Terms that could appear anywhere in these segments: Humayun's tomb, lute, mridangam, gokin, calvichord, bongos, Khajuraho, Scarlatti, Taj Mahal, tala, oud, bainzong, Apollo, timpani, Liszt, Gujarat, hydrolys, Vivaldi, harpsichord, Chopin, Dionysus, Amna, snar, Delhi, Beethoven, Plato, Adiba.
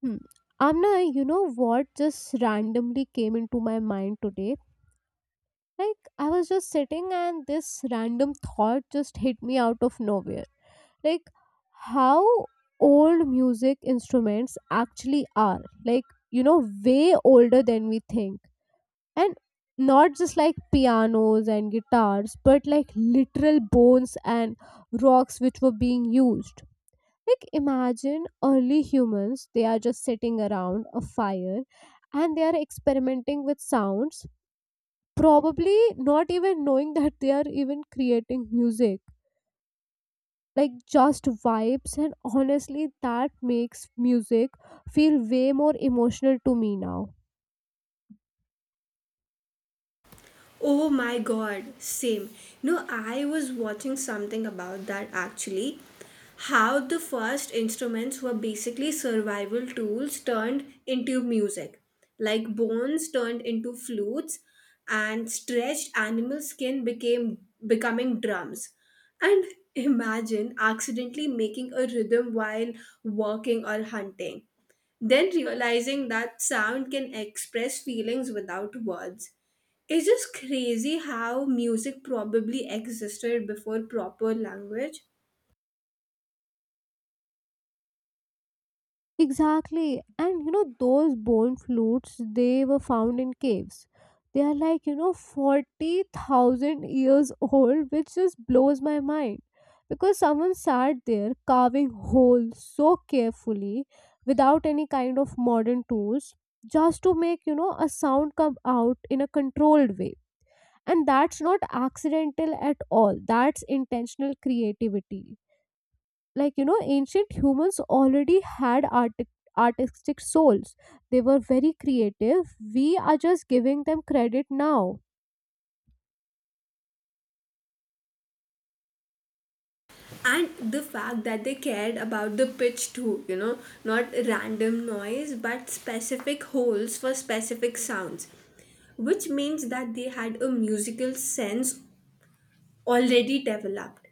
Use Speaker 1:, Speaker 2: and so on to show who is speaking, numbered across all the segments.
Speaker 1: Hmm. Amna, you know what just randomly came into my mind today? I was just sitting and this random thought just hit me out of nowhere. Like, how old music instruments actually are. Like, you know, way older than we think. And not just like pianos and guitars, but like literal bones and rocks which were being used. Like imagine early humans, they are just sitting around a fire and they are experimenting with sounds, probably not even knowing that they are even creating music. Like just vibes, and honestly, that makes music feel way more emotional to me now.
Speaker 2: Oh my god, same. No, I was watching something about that actually. How the first instruments were basically survival tools turned into music, like bones turned into flutes, and stretched animal skin became becoming drums. And imagine accidentally making a rhythm while walking or hunting, then realizing that sound can express feelings without words. It's just crazy how music probably existed before proper language.
Speaker 1: Exactly. And you know, those bone flutes, they were found in caves. They are like, you know, 40,000 years old, which just blows my mind. Because someone sat there carving holes so carefully without any kind of modern tools just to make, you know, a sound come out in a controlled way. And that's not accidental at all. That's intentional creativity, like you know, ancient humans already had artic artistic souls. They were very creative. We are just giving them credit now.
Speaker 2: And the fact that they cared about the pitch too, you know, not random noise but specific holes for specific sounds, which means that they had a musical sense already developed.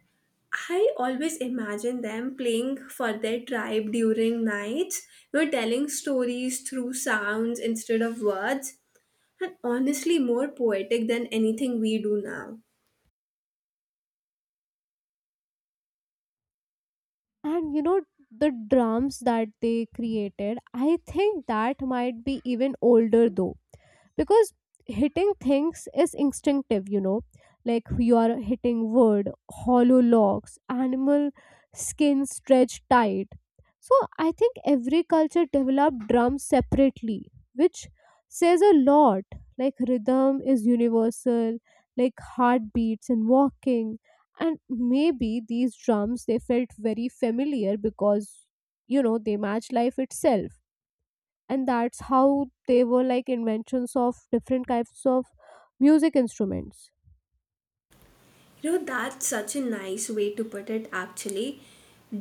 Speaker 2: I always imagine them playing for their tribe during nights, you know, telling stories through sounds instead of words, and honestly more poetic than anything we do now.
Speaker 1: And you know, the drums that they created, I think that might be even older though, because hitting things is instinctive, you know, like you are hitting wood, hollow logs, animal skin stretched tight. So I think every culture developed drums separately, which says a lot. Like rhythm is universal, like heartbeats and walking. And maybe these drums, they felt very familiar because, you know, they match life itself. And that's how they were like inventions of different kinds of music instruments.
Speaker 2: You know, that's such a nice way to put it actually.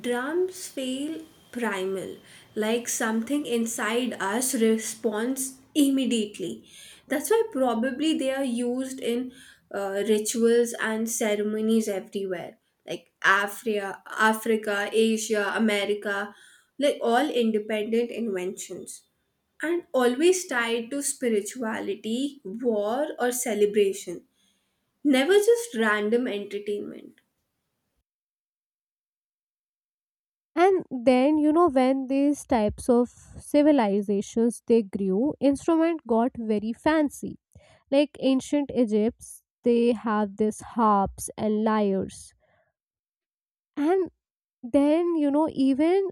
Speaker 2: Drums feel primal, like something inside us responds immediately. That's why probably they are used in rituals and ceremonies everywhere, like Africa, Asia, America, like all independent inventions and always tied to spirituality, war, or celebration. Never just random entertainment.
Speaker 1: And then, you know, when these types of civilizations they grew, instrument got very fancy. Like ancient Egypts, they have these harps and lyres. And then, you know, even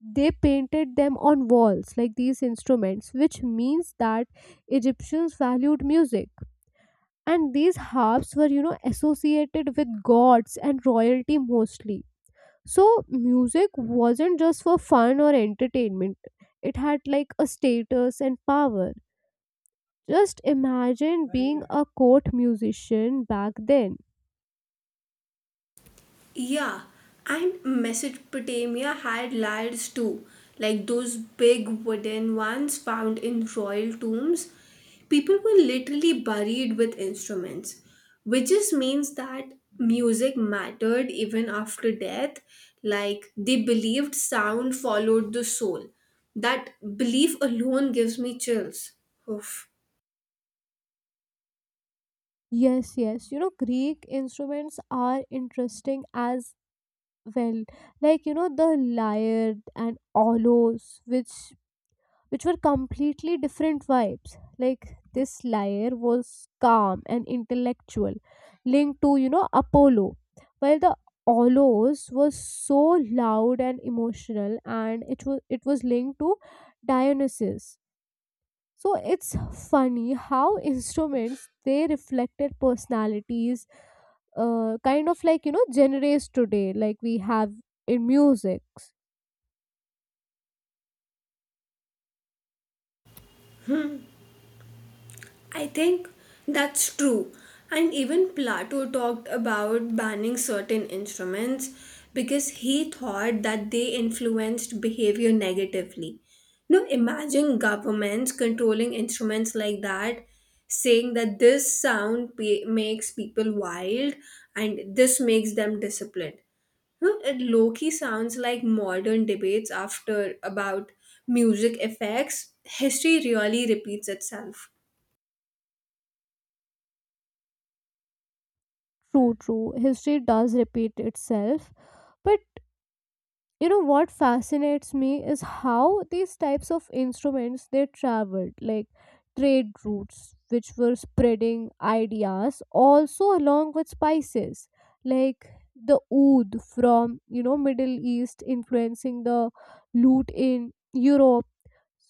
Speaker 1: they painted them on walls, like these instruments, which means that Egyptians valued music. And these harps were, you know, associated with gods and royalty mostly. So, music wasn't just for fun or entertainment, it had like a status and power. Just imagine being a court musician back then.
Speaker 2: Yeah, and Mesopotamia had lyres too, like those big wooden ones found in royal tombs. People were literally buried with instruments, which just means that music mattered even after death. Like they believed sound followed the soul. That belief alone gives me chills. Oof.
Speaker 1: Yes, yes. You know, Greek instruments are interesting as well. Like, you know, the lyre and aulos, which were completely different vibes. Like this lyre was calm and intellectual, linked to, you know, Apollo. While the aulos was so loud and emotional and it was linked to Dionysus. So it's funny how instruments they reflected personalities, kind of like, you know, genres today like we have in music.
Speaker 2: I think that's true. And even Plato talked about banning certain instruments because he thought that they influenced behavior negatively. Now, imagine governments controlling instruments like that, saying that this sound makes people wild and this makes them disciplined. No, it low-key sounds like modern debates after about music effects. History really repeats itself.
Speaker 1: True, history does repeat itself. But you know what fascinates me is how these types of instruments they traveled, like trade routes which were spreading ideas also along with spices. Like the oud from, you know, Middle East influencing the lute in Europe,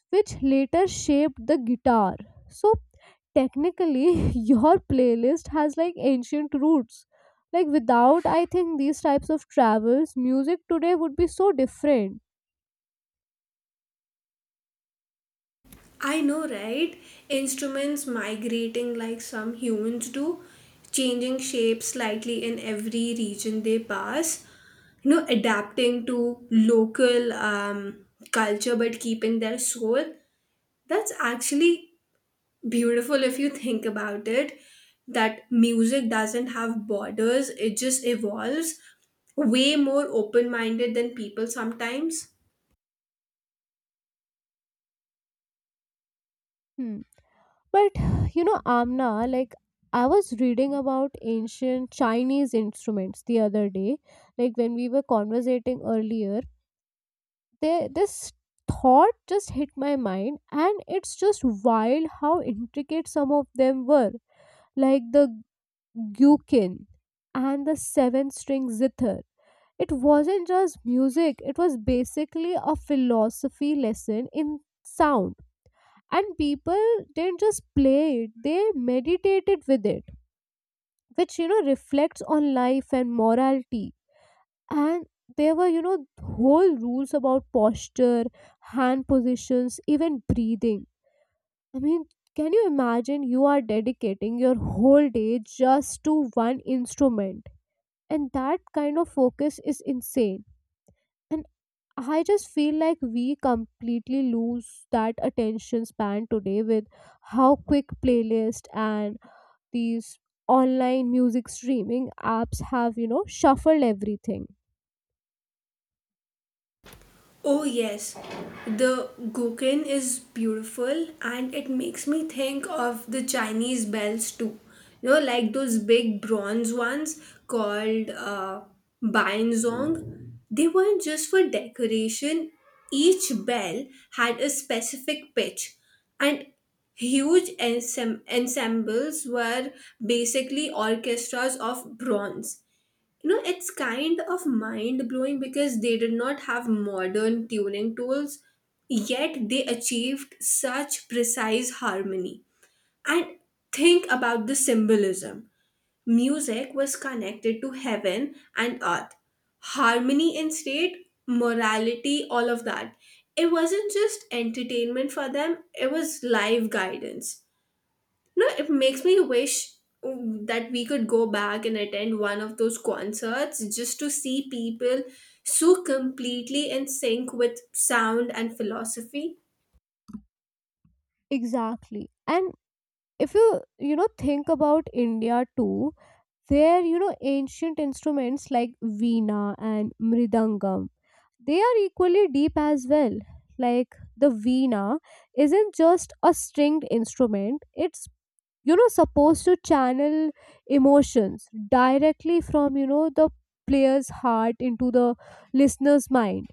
Speaker 1: which later shaped the guitar. So technically your playlist has like ancient roots. Like without, I think, these types of travels, music today would be so different.
Speaker 2: I know, right? Instruments migrating like some humans do, changing shape slightly in every region they pass, you know, adapting to local culture but keeping their soul. That's actually beautiful if you think about it. That music doesn't have borders, it just evolves way more open minded than people sometimes.
Speaker 1: Hmm. But you know, Amna, like I was reading about ancient Chinese instruments the other day, like when we were conversating earlier, there this thought just hit my mind. And it's just wild how intricate some of them were, like the gyukin and the seven string zither. It wasn't just music, it was basically a philosophy lesson in sound. And people didn't just play it, they meditated with it, which you know, reflects on life and morality. And there were, you know, whole rules about posture, hand positions, even breathing. I mean, can you imagine you are dedicating your whole day just to one instrument? And that kind of focus is insane. And I just feel like we completely lose that attention span today with how quick playlist and these online music streaming apps have, you know, shuffled everything.
Speaker 2: Oh, yes. The gokin is beautiful and it makes me think of the Chinese bells too. You know, like those big bronze ones called bainzong. They weren't just for decoration, each bell had a specific pitch, and huge ensembles were basically orchestras of bronze. You know, it's kind of mind blowing because they did not have modern tuning tools, yet they achieved such precise harmony. And think about the symbolism. Music was connected to heaven and earth, harmony in state morality, all of that. It wasn't just entertainment for them, it was life guidance. No, it makes me wish, that we could go back and attend one of those concerts just to see people so completely in sync with sound and philosophy.
Speaker 1: Exactly. And if you, you know, think about India too, their, you know, ancient instruments like veena and mridangam, they are equally deep as well. Like the veena isn't just a stringed instrument, it's, you know, supposed to channel emotions directly from, you know, the player's heart into the listener's mind.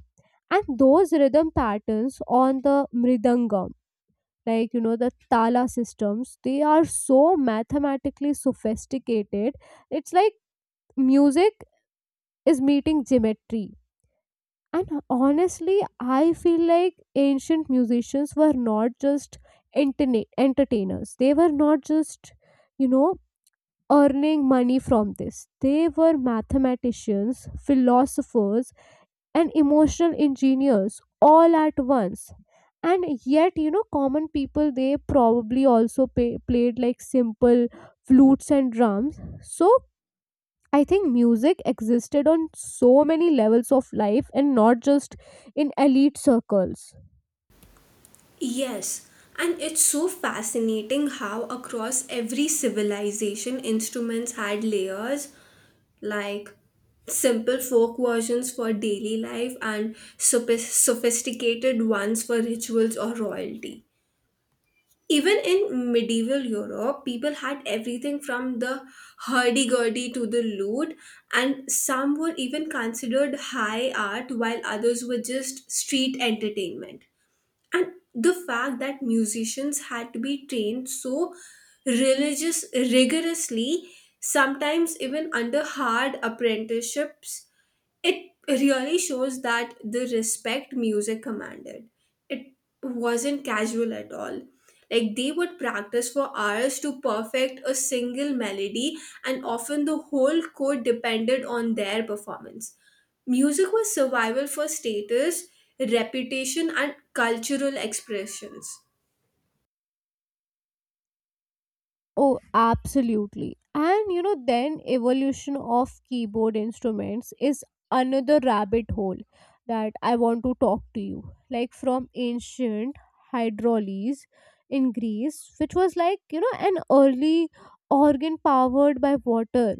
Speaker 1: And those rhythm patterns on the mridangam, like you know, the tala systems, they are so mathematically sophisticated. It's like music is meeting geometry. And honestly, I feel like ancient musicians were not just entertainers, they were not just, you know, earning money from this. They were mathematicians, philosophers, and emotional engineers all at once. And yet, you know, common people they probably also played like simple flutes and drums. So, I think music existed on so many levels of life and not just in elite circles.
Speaker 2: Yes, and it's so fascinating how across every civilization instruments had layers, like simple folk versions for daily life and sophisticated ones for rituals or royalty. Even in medieval Europe, people had everything from the hurdy-gurdy to the lute, and some were even considered high art while others were just street entertainment. And the fact that musicians had to be trained so religious rigorously, sometimes even under hard apprenticeships, it really shows that the respect music commanded, it wasn't casual at all. Like they would practice for hours to perfect a single melody, and often the whole chord depended on their performance. Music was survival for status, reputation, and cultural expressions.
Speaker 1: Oh, absolutely. And you know, then evolution of keyboard instruments is another rabbit hole that I want to talk to you. Like from ancient hydrolys in Greece, which was like, you know, an early organ powered by water,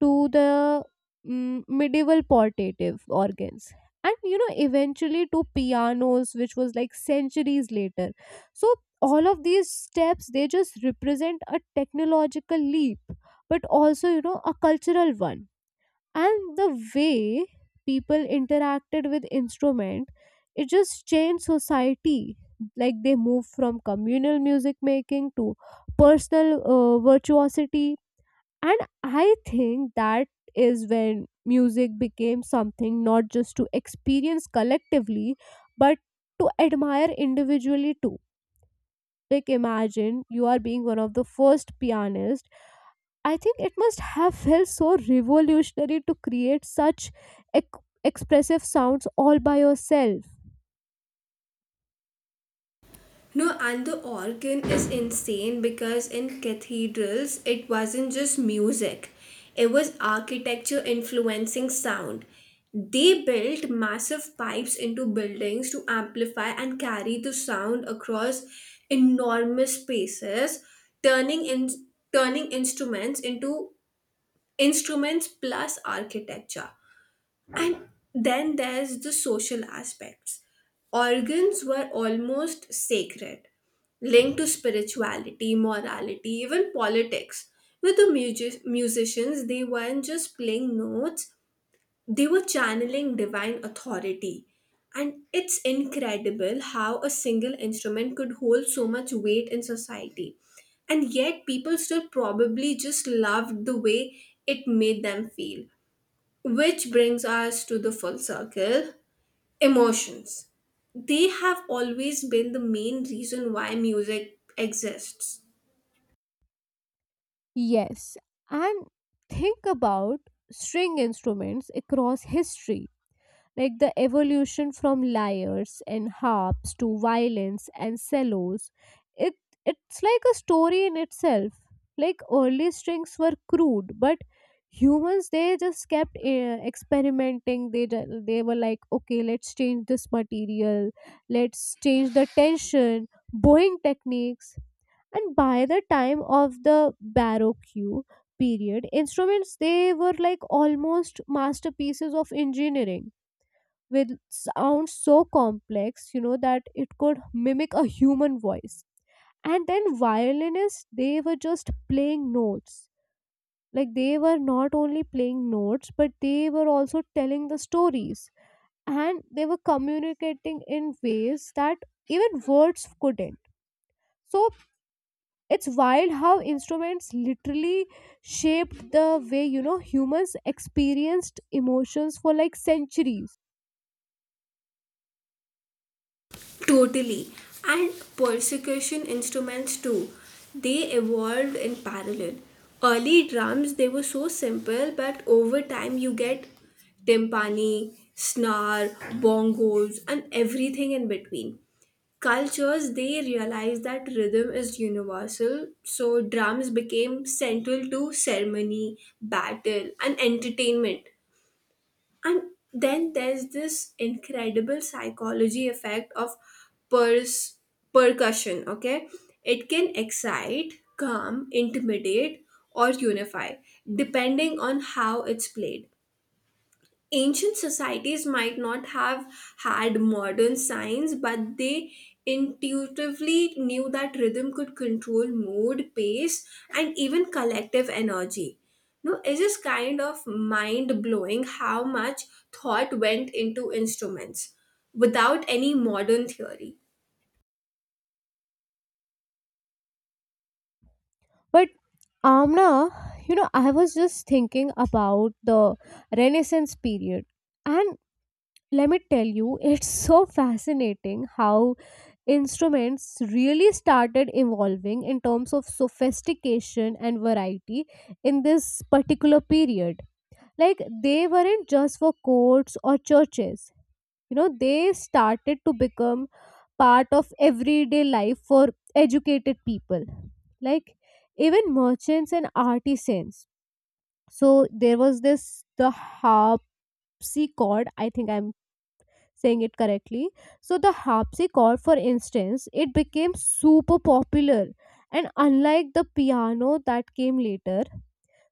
Speaker 1: to the medieval portative organs, and you know, eventually to pianos which was like centuries later. So all of these steps they just represent a technological leap, but also, you know, a cultural one. And the way people interacted with instrument, it just changed society. Like they moved from communal music making to personal virtuosity. And I think that is when music became something not just to experience collectively, but to admire individually too. Like, imagine you are being one of the first pianists. I think it must have felt so revolutionary to create such expressive sounds all by yourself.
Speaker 2: No, and the organ is insane because in cathedrals it wasn't just music, it was architecture influencing sound. They built massive pipes into buildings to amplify and carry the sound across enormous spaces, turning in turning instruments into instruments plus architecture. And then there's the social aspects. Organs were almost sacred, linked to spirituality, morality, even politics. With the musicians, they weren't just playing notes, they were channeling divine authority. And it's incredible how a single instrument could hold so much weight in society. And yet, people still probably just loved the way it made them feel. Which brings us to the full circle, emotions. They have always been the main reason why music exists.
Speaker 1: Yes, and think about string instruments across history, like the evolution from lyres and harps to violins and cellos. It it's like a story in itself. Like early strings were crude, but humans they just kept experimenting. They were like, okay, let's change this material, let's change the tension, bowing techniques. And by the time of the baroque period, instruments they were like almost masterpieces of engineering with sounds so complex, you know, that it could mimic a human voice. And then violinists, they were just playing notes. Like they were not only playing notes, but they were also telling the stories. And they were communicating in ways that even words couldn't. So it's wild how instruments literally shaped the way, you know, humans experienced emotions for like centuries.
Speaker 2: Totally. And percussion instruments too. They evolved in parallel. Early drums, they were so simple, but over time you get timpani, snar, bongos, and everything in between. Cultures they realized that rhythm is universal, so drums became central to ceremony, battle, and entertainment. And then there's this incredible psychology effect of pers- percussion, okay? It can excite, calm, intimidate, or unify, depending on how it's played. Ancient societies might not have had modern science, but they intuitively knew that rhythm could control mood, pace, and even collective energy. No, it is kind of mind blowing how much thought went into instruments without any modern theory.
Speaker 1: But Amna, you know, I was just thinking about the Renaissance period. And let me tell you, it's so fascinating how instruments really started evolving in terms of sophistication and variety in this particular period. Like, they weren't just for courts or churches, you know, they started to become part of everyday life for educated people, like even merchants and artisans. So there was this the harpsichord, I think I'm saying it correctly. So the harpsichord, for instance, it became super popular, and unlike the piano that came later.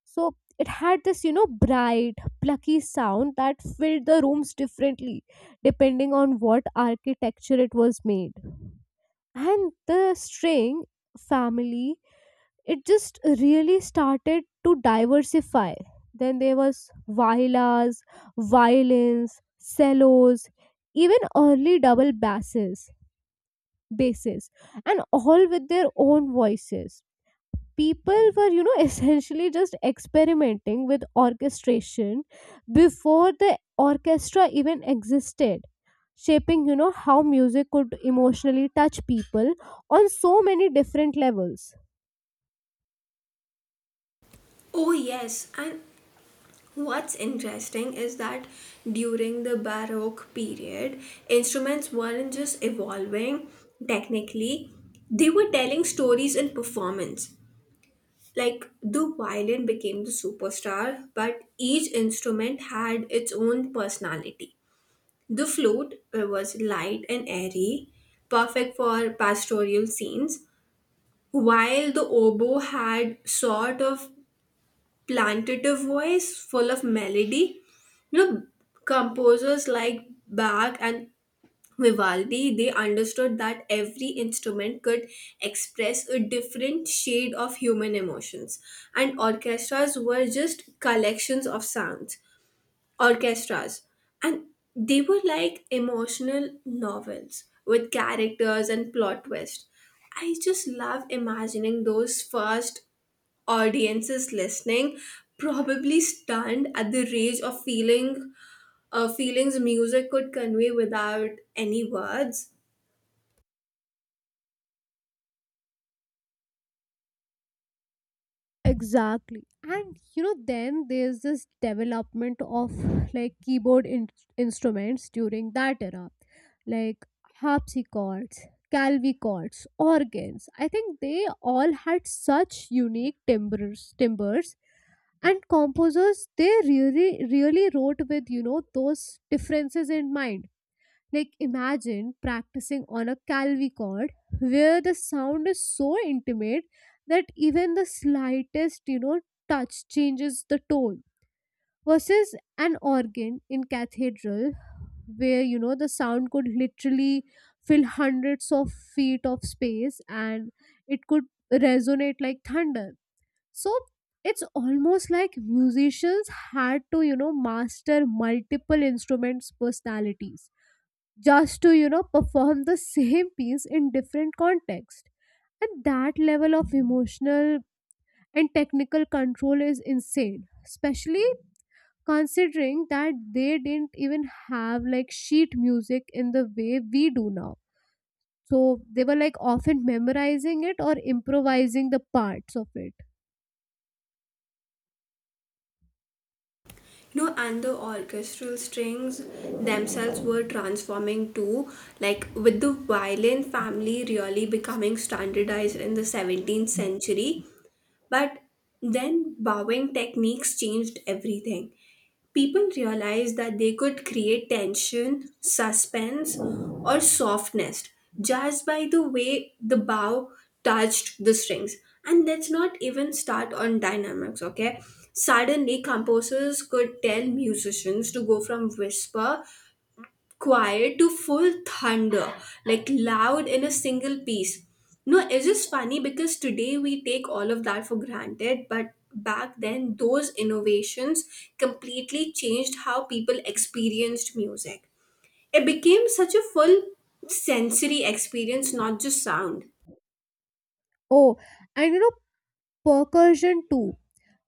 Speaker 1: So it had this, you know, bright plucky sound that filled the rooms differently depending on what architecture it was made. And the string family, it just really started to diversify. Then there was violas, violins, cellos, even early double basses, and all with their own voices. People were, you know, essentially just experimenting with orchestration before the orchestra even existed, shaping, you know, how music could emotionally touch people on so many different levels.
Speaker 2: Oh, yes, and what's interesting is that during the Baroque period, instruments weren't just evolving technically, they were telling stories in performance. Like the violin became the superstar, but each instrument had its own personality. The flute was light and airy, perfect for pastoral scenes, while the oboe had sort of plantative voice full of melody. You know, composers like Bach and Vivaldi, they understood that every instrument could express a different shade of human emotions, and orchestras were just collections of sounds. Orchestras, and they were like emotional novels with characters and plot twists. I just love imagining those first audiences listening, probably stunned at the range of feeling, feelings music could convey without any words.
Speaker 1: Exactly. And you know, then there's this development of like keyboard instruments during that era, like harpsichords, calvichords, organs. I think they all had such unique timbres, timbers, and composers they really wrote with, you know, those differences in mind. Like imagine practicing on a Calvi chord where the sound is so intimate that even the slightest, you know, touch changes the tone, versus an organ in cathedral where, you know, the sound could literally fill hundreds of feet of space, and it could resonate like thunder. So it's almost like musicians had to, you know, master multiple instruments personalities just to, you know, perform the same piece in different context. And that level of emotional and technical control is insane, especially considering that they didn't even have like sheet music in the way we do now. So they were like often memorizing it or improvising the parts of it.
Speaker 2: You know, and the orchestral strings themselves were transforming too, like with the violin family really becoming standardized in the 17th century. But then bowing techniques changed everything. People realized that they could create tension, suspense, or softness just by the way the bow touched the strings. And let's not even start on dynamics, okay? Suddenly, composers could tell musicians to go from whisper quiet to full thunder, like loud in a single piece. No, it's just funny because today we take all of that for granted, but back then those innovations completely changed how people experienced music. It became such a full sensory experience, not just sound.
Speaker 1: Oh, and you know, percussion too,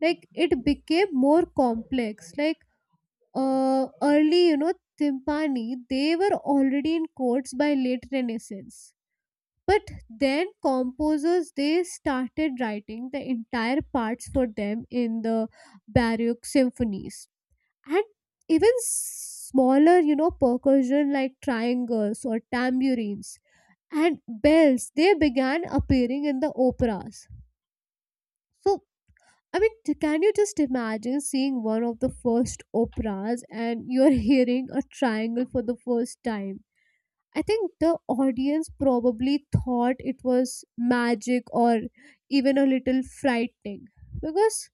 Speaker 1: like it became more complex. Like early, you know, timpani, they were already in courts by late Renaissance. But then composers they started writing the entire parts for them in the Baroque symphonies. And even smaller, you know, percussion like triangles or tambourines and bells. They began appearing in the operas. So I mean, can you just imagine seeing one of the first operas and you're hearing a triangle for the first time? I think the audience probably thought it was magic or even a little frightening, because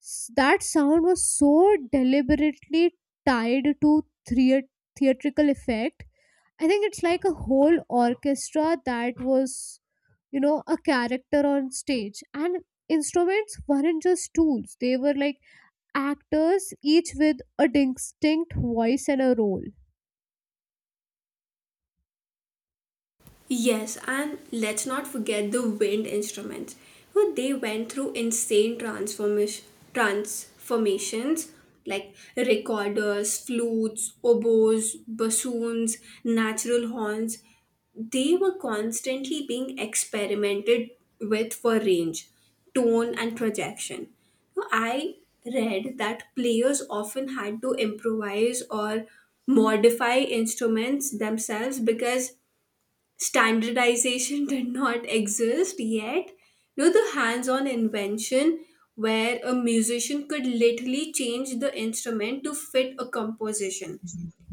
Speaker 1: that sound was so deliberately tied to thea- theatrical effect. I think it's like a whole orchestra that was, you know, a character on stage. And instruments weren't just tools, they were like actors, each with a distinct voice and a role.
Speaker 2: Yes, and let's not forget the wind instruments, who they went through insane transformations like recorders, flutes, oboes, bassoons, natural horns. They were constantly being experimented with for range, tone, and projection. Now, I read that players often had to improvise or modify instruments themselves because standardization did not exist yet. No, the hands on invention, where a musician could literally change the instrument to fit a composition,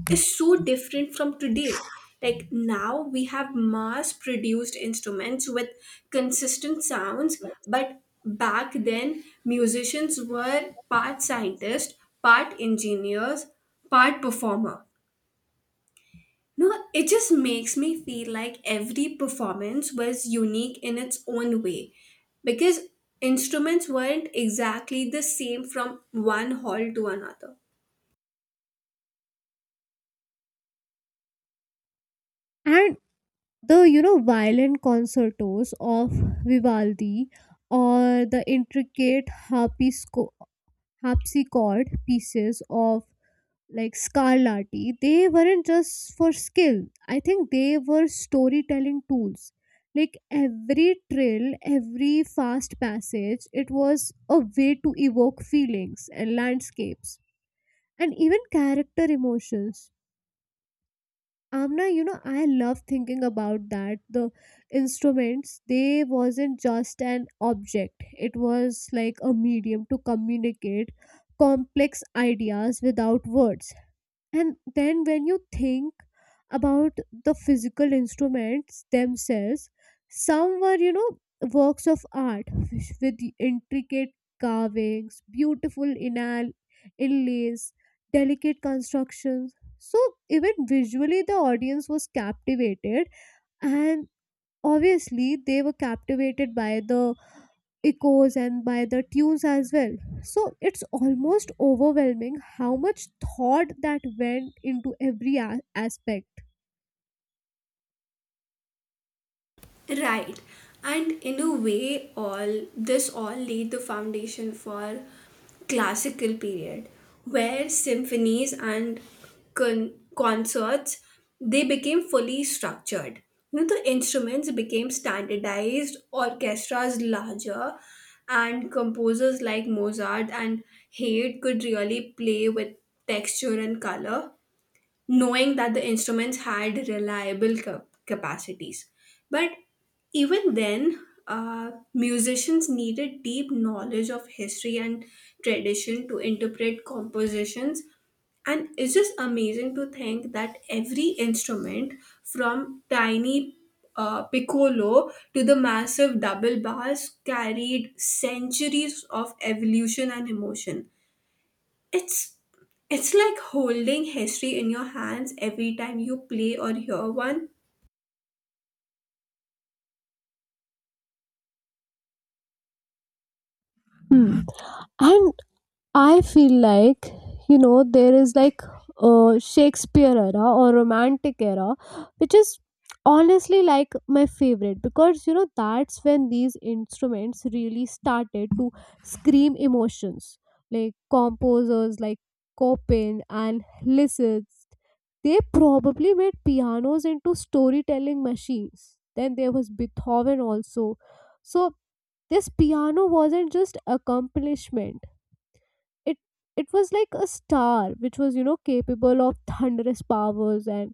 Speaker 2: is so different from today. Like now, we have mass produced instruments with consistent sounds, but back then, musicians were part scientist, part engineers, part performer. No, it just makes me feel like every performance was unique in its own way because instruments weren't exactly the same from one hall to another.
Speaker 1: And the, you know, violent concertos of vivaldi or the intricate harpsichord pieces of like scarlatti, they weren't just for skill. I think they were storytelling tools. Like every trill, every fast passage, it was a way to evoke feelings and landscapes and even character emotions. Amna, you know, I love thinking about that. The instruments, they wasn't just an object, it was like a medium to communicate complex ideas without words. And then when you think about the physical instruments themselves, some were, you know, works of art, with the intricate carvings, beautiful inlays, delicate constructions. So even visually, the audience was captivated, and obviously, they were captivated by the echoes and by the tunes as well. So it's almost overwhelming how much thought that went into every aspect.
Speaker 2: Right. And in a way all this all laid the foundation for classical period where symphonies and concerts they became fully structured. You know, the instruments became standardized, orchestras larger, and composers like Mozart and Haydn could really play with texture and color, knowing that the instruments had reliable capacities. But even then, musicians needed deep knowledge of history and tradition to interpret compositions. And it's just amazing to think that every instrument, from tiny piccolo to the massive double bass, carried centuries of evolution and emotion, it's it's like holding history in your hands every time you play or hear one.
Speaker 1: Hmm. And I feel like, you know, there is like a Shakespeare era or romantic era, which is honestly like my favorite because, you know, that's when these instruments really started to scream emotions. Like composers like Chopin and Liszt, they probably made pianos into storytelling machines. Then there was Beethoven also. So this piano wasn't just accomplishment. It it was like a star which was, you know, capable of thunderous powers and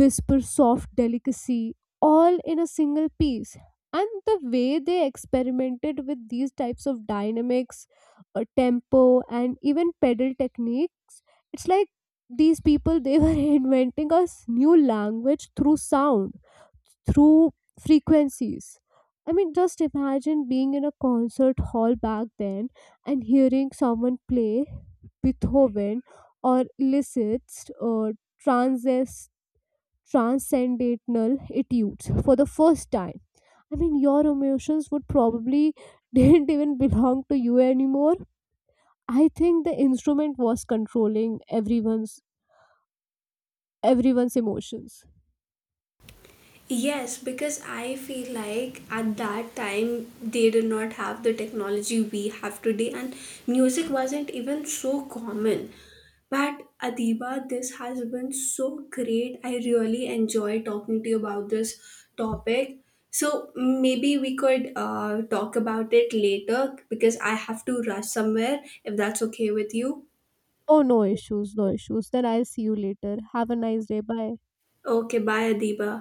Speaker 1: whisper soft delicacy all in a single piece. And the way they experimented with these types of dynamics, tempo, and even pedal techniques, it's like these people they were inventing a new language through sound, through frequencies. I mean, just imagine being in a concert hall back then and hearing someone play Beethoven or Liszt's or transes transcendental etudes for the first time. I mean, your emotions would probably didn't even belong to you anymore. I think the instrument was controlling everyone's emotions.
Speaker 2: Yes, because I feel like at that time they did not have the technology we have today, and music wasn't even so common. But Adiba, this has been so great. I really enjoy talking to you about this topic. So maybe we could talk about it later because I have to rush somewhere if that's okay with you.
Speaker 1: Oh, no issues, no issues. Then I'll see you later. Have a nice day. Bye.
Speaker 2: Okay, bye, Adiba.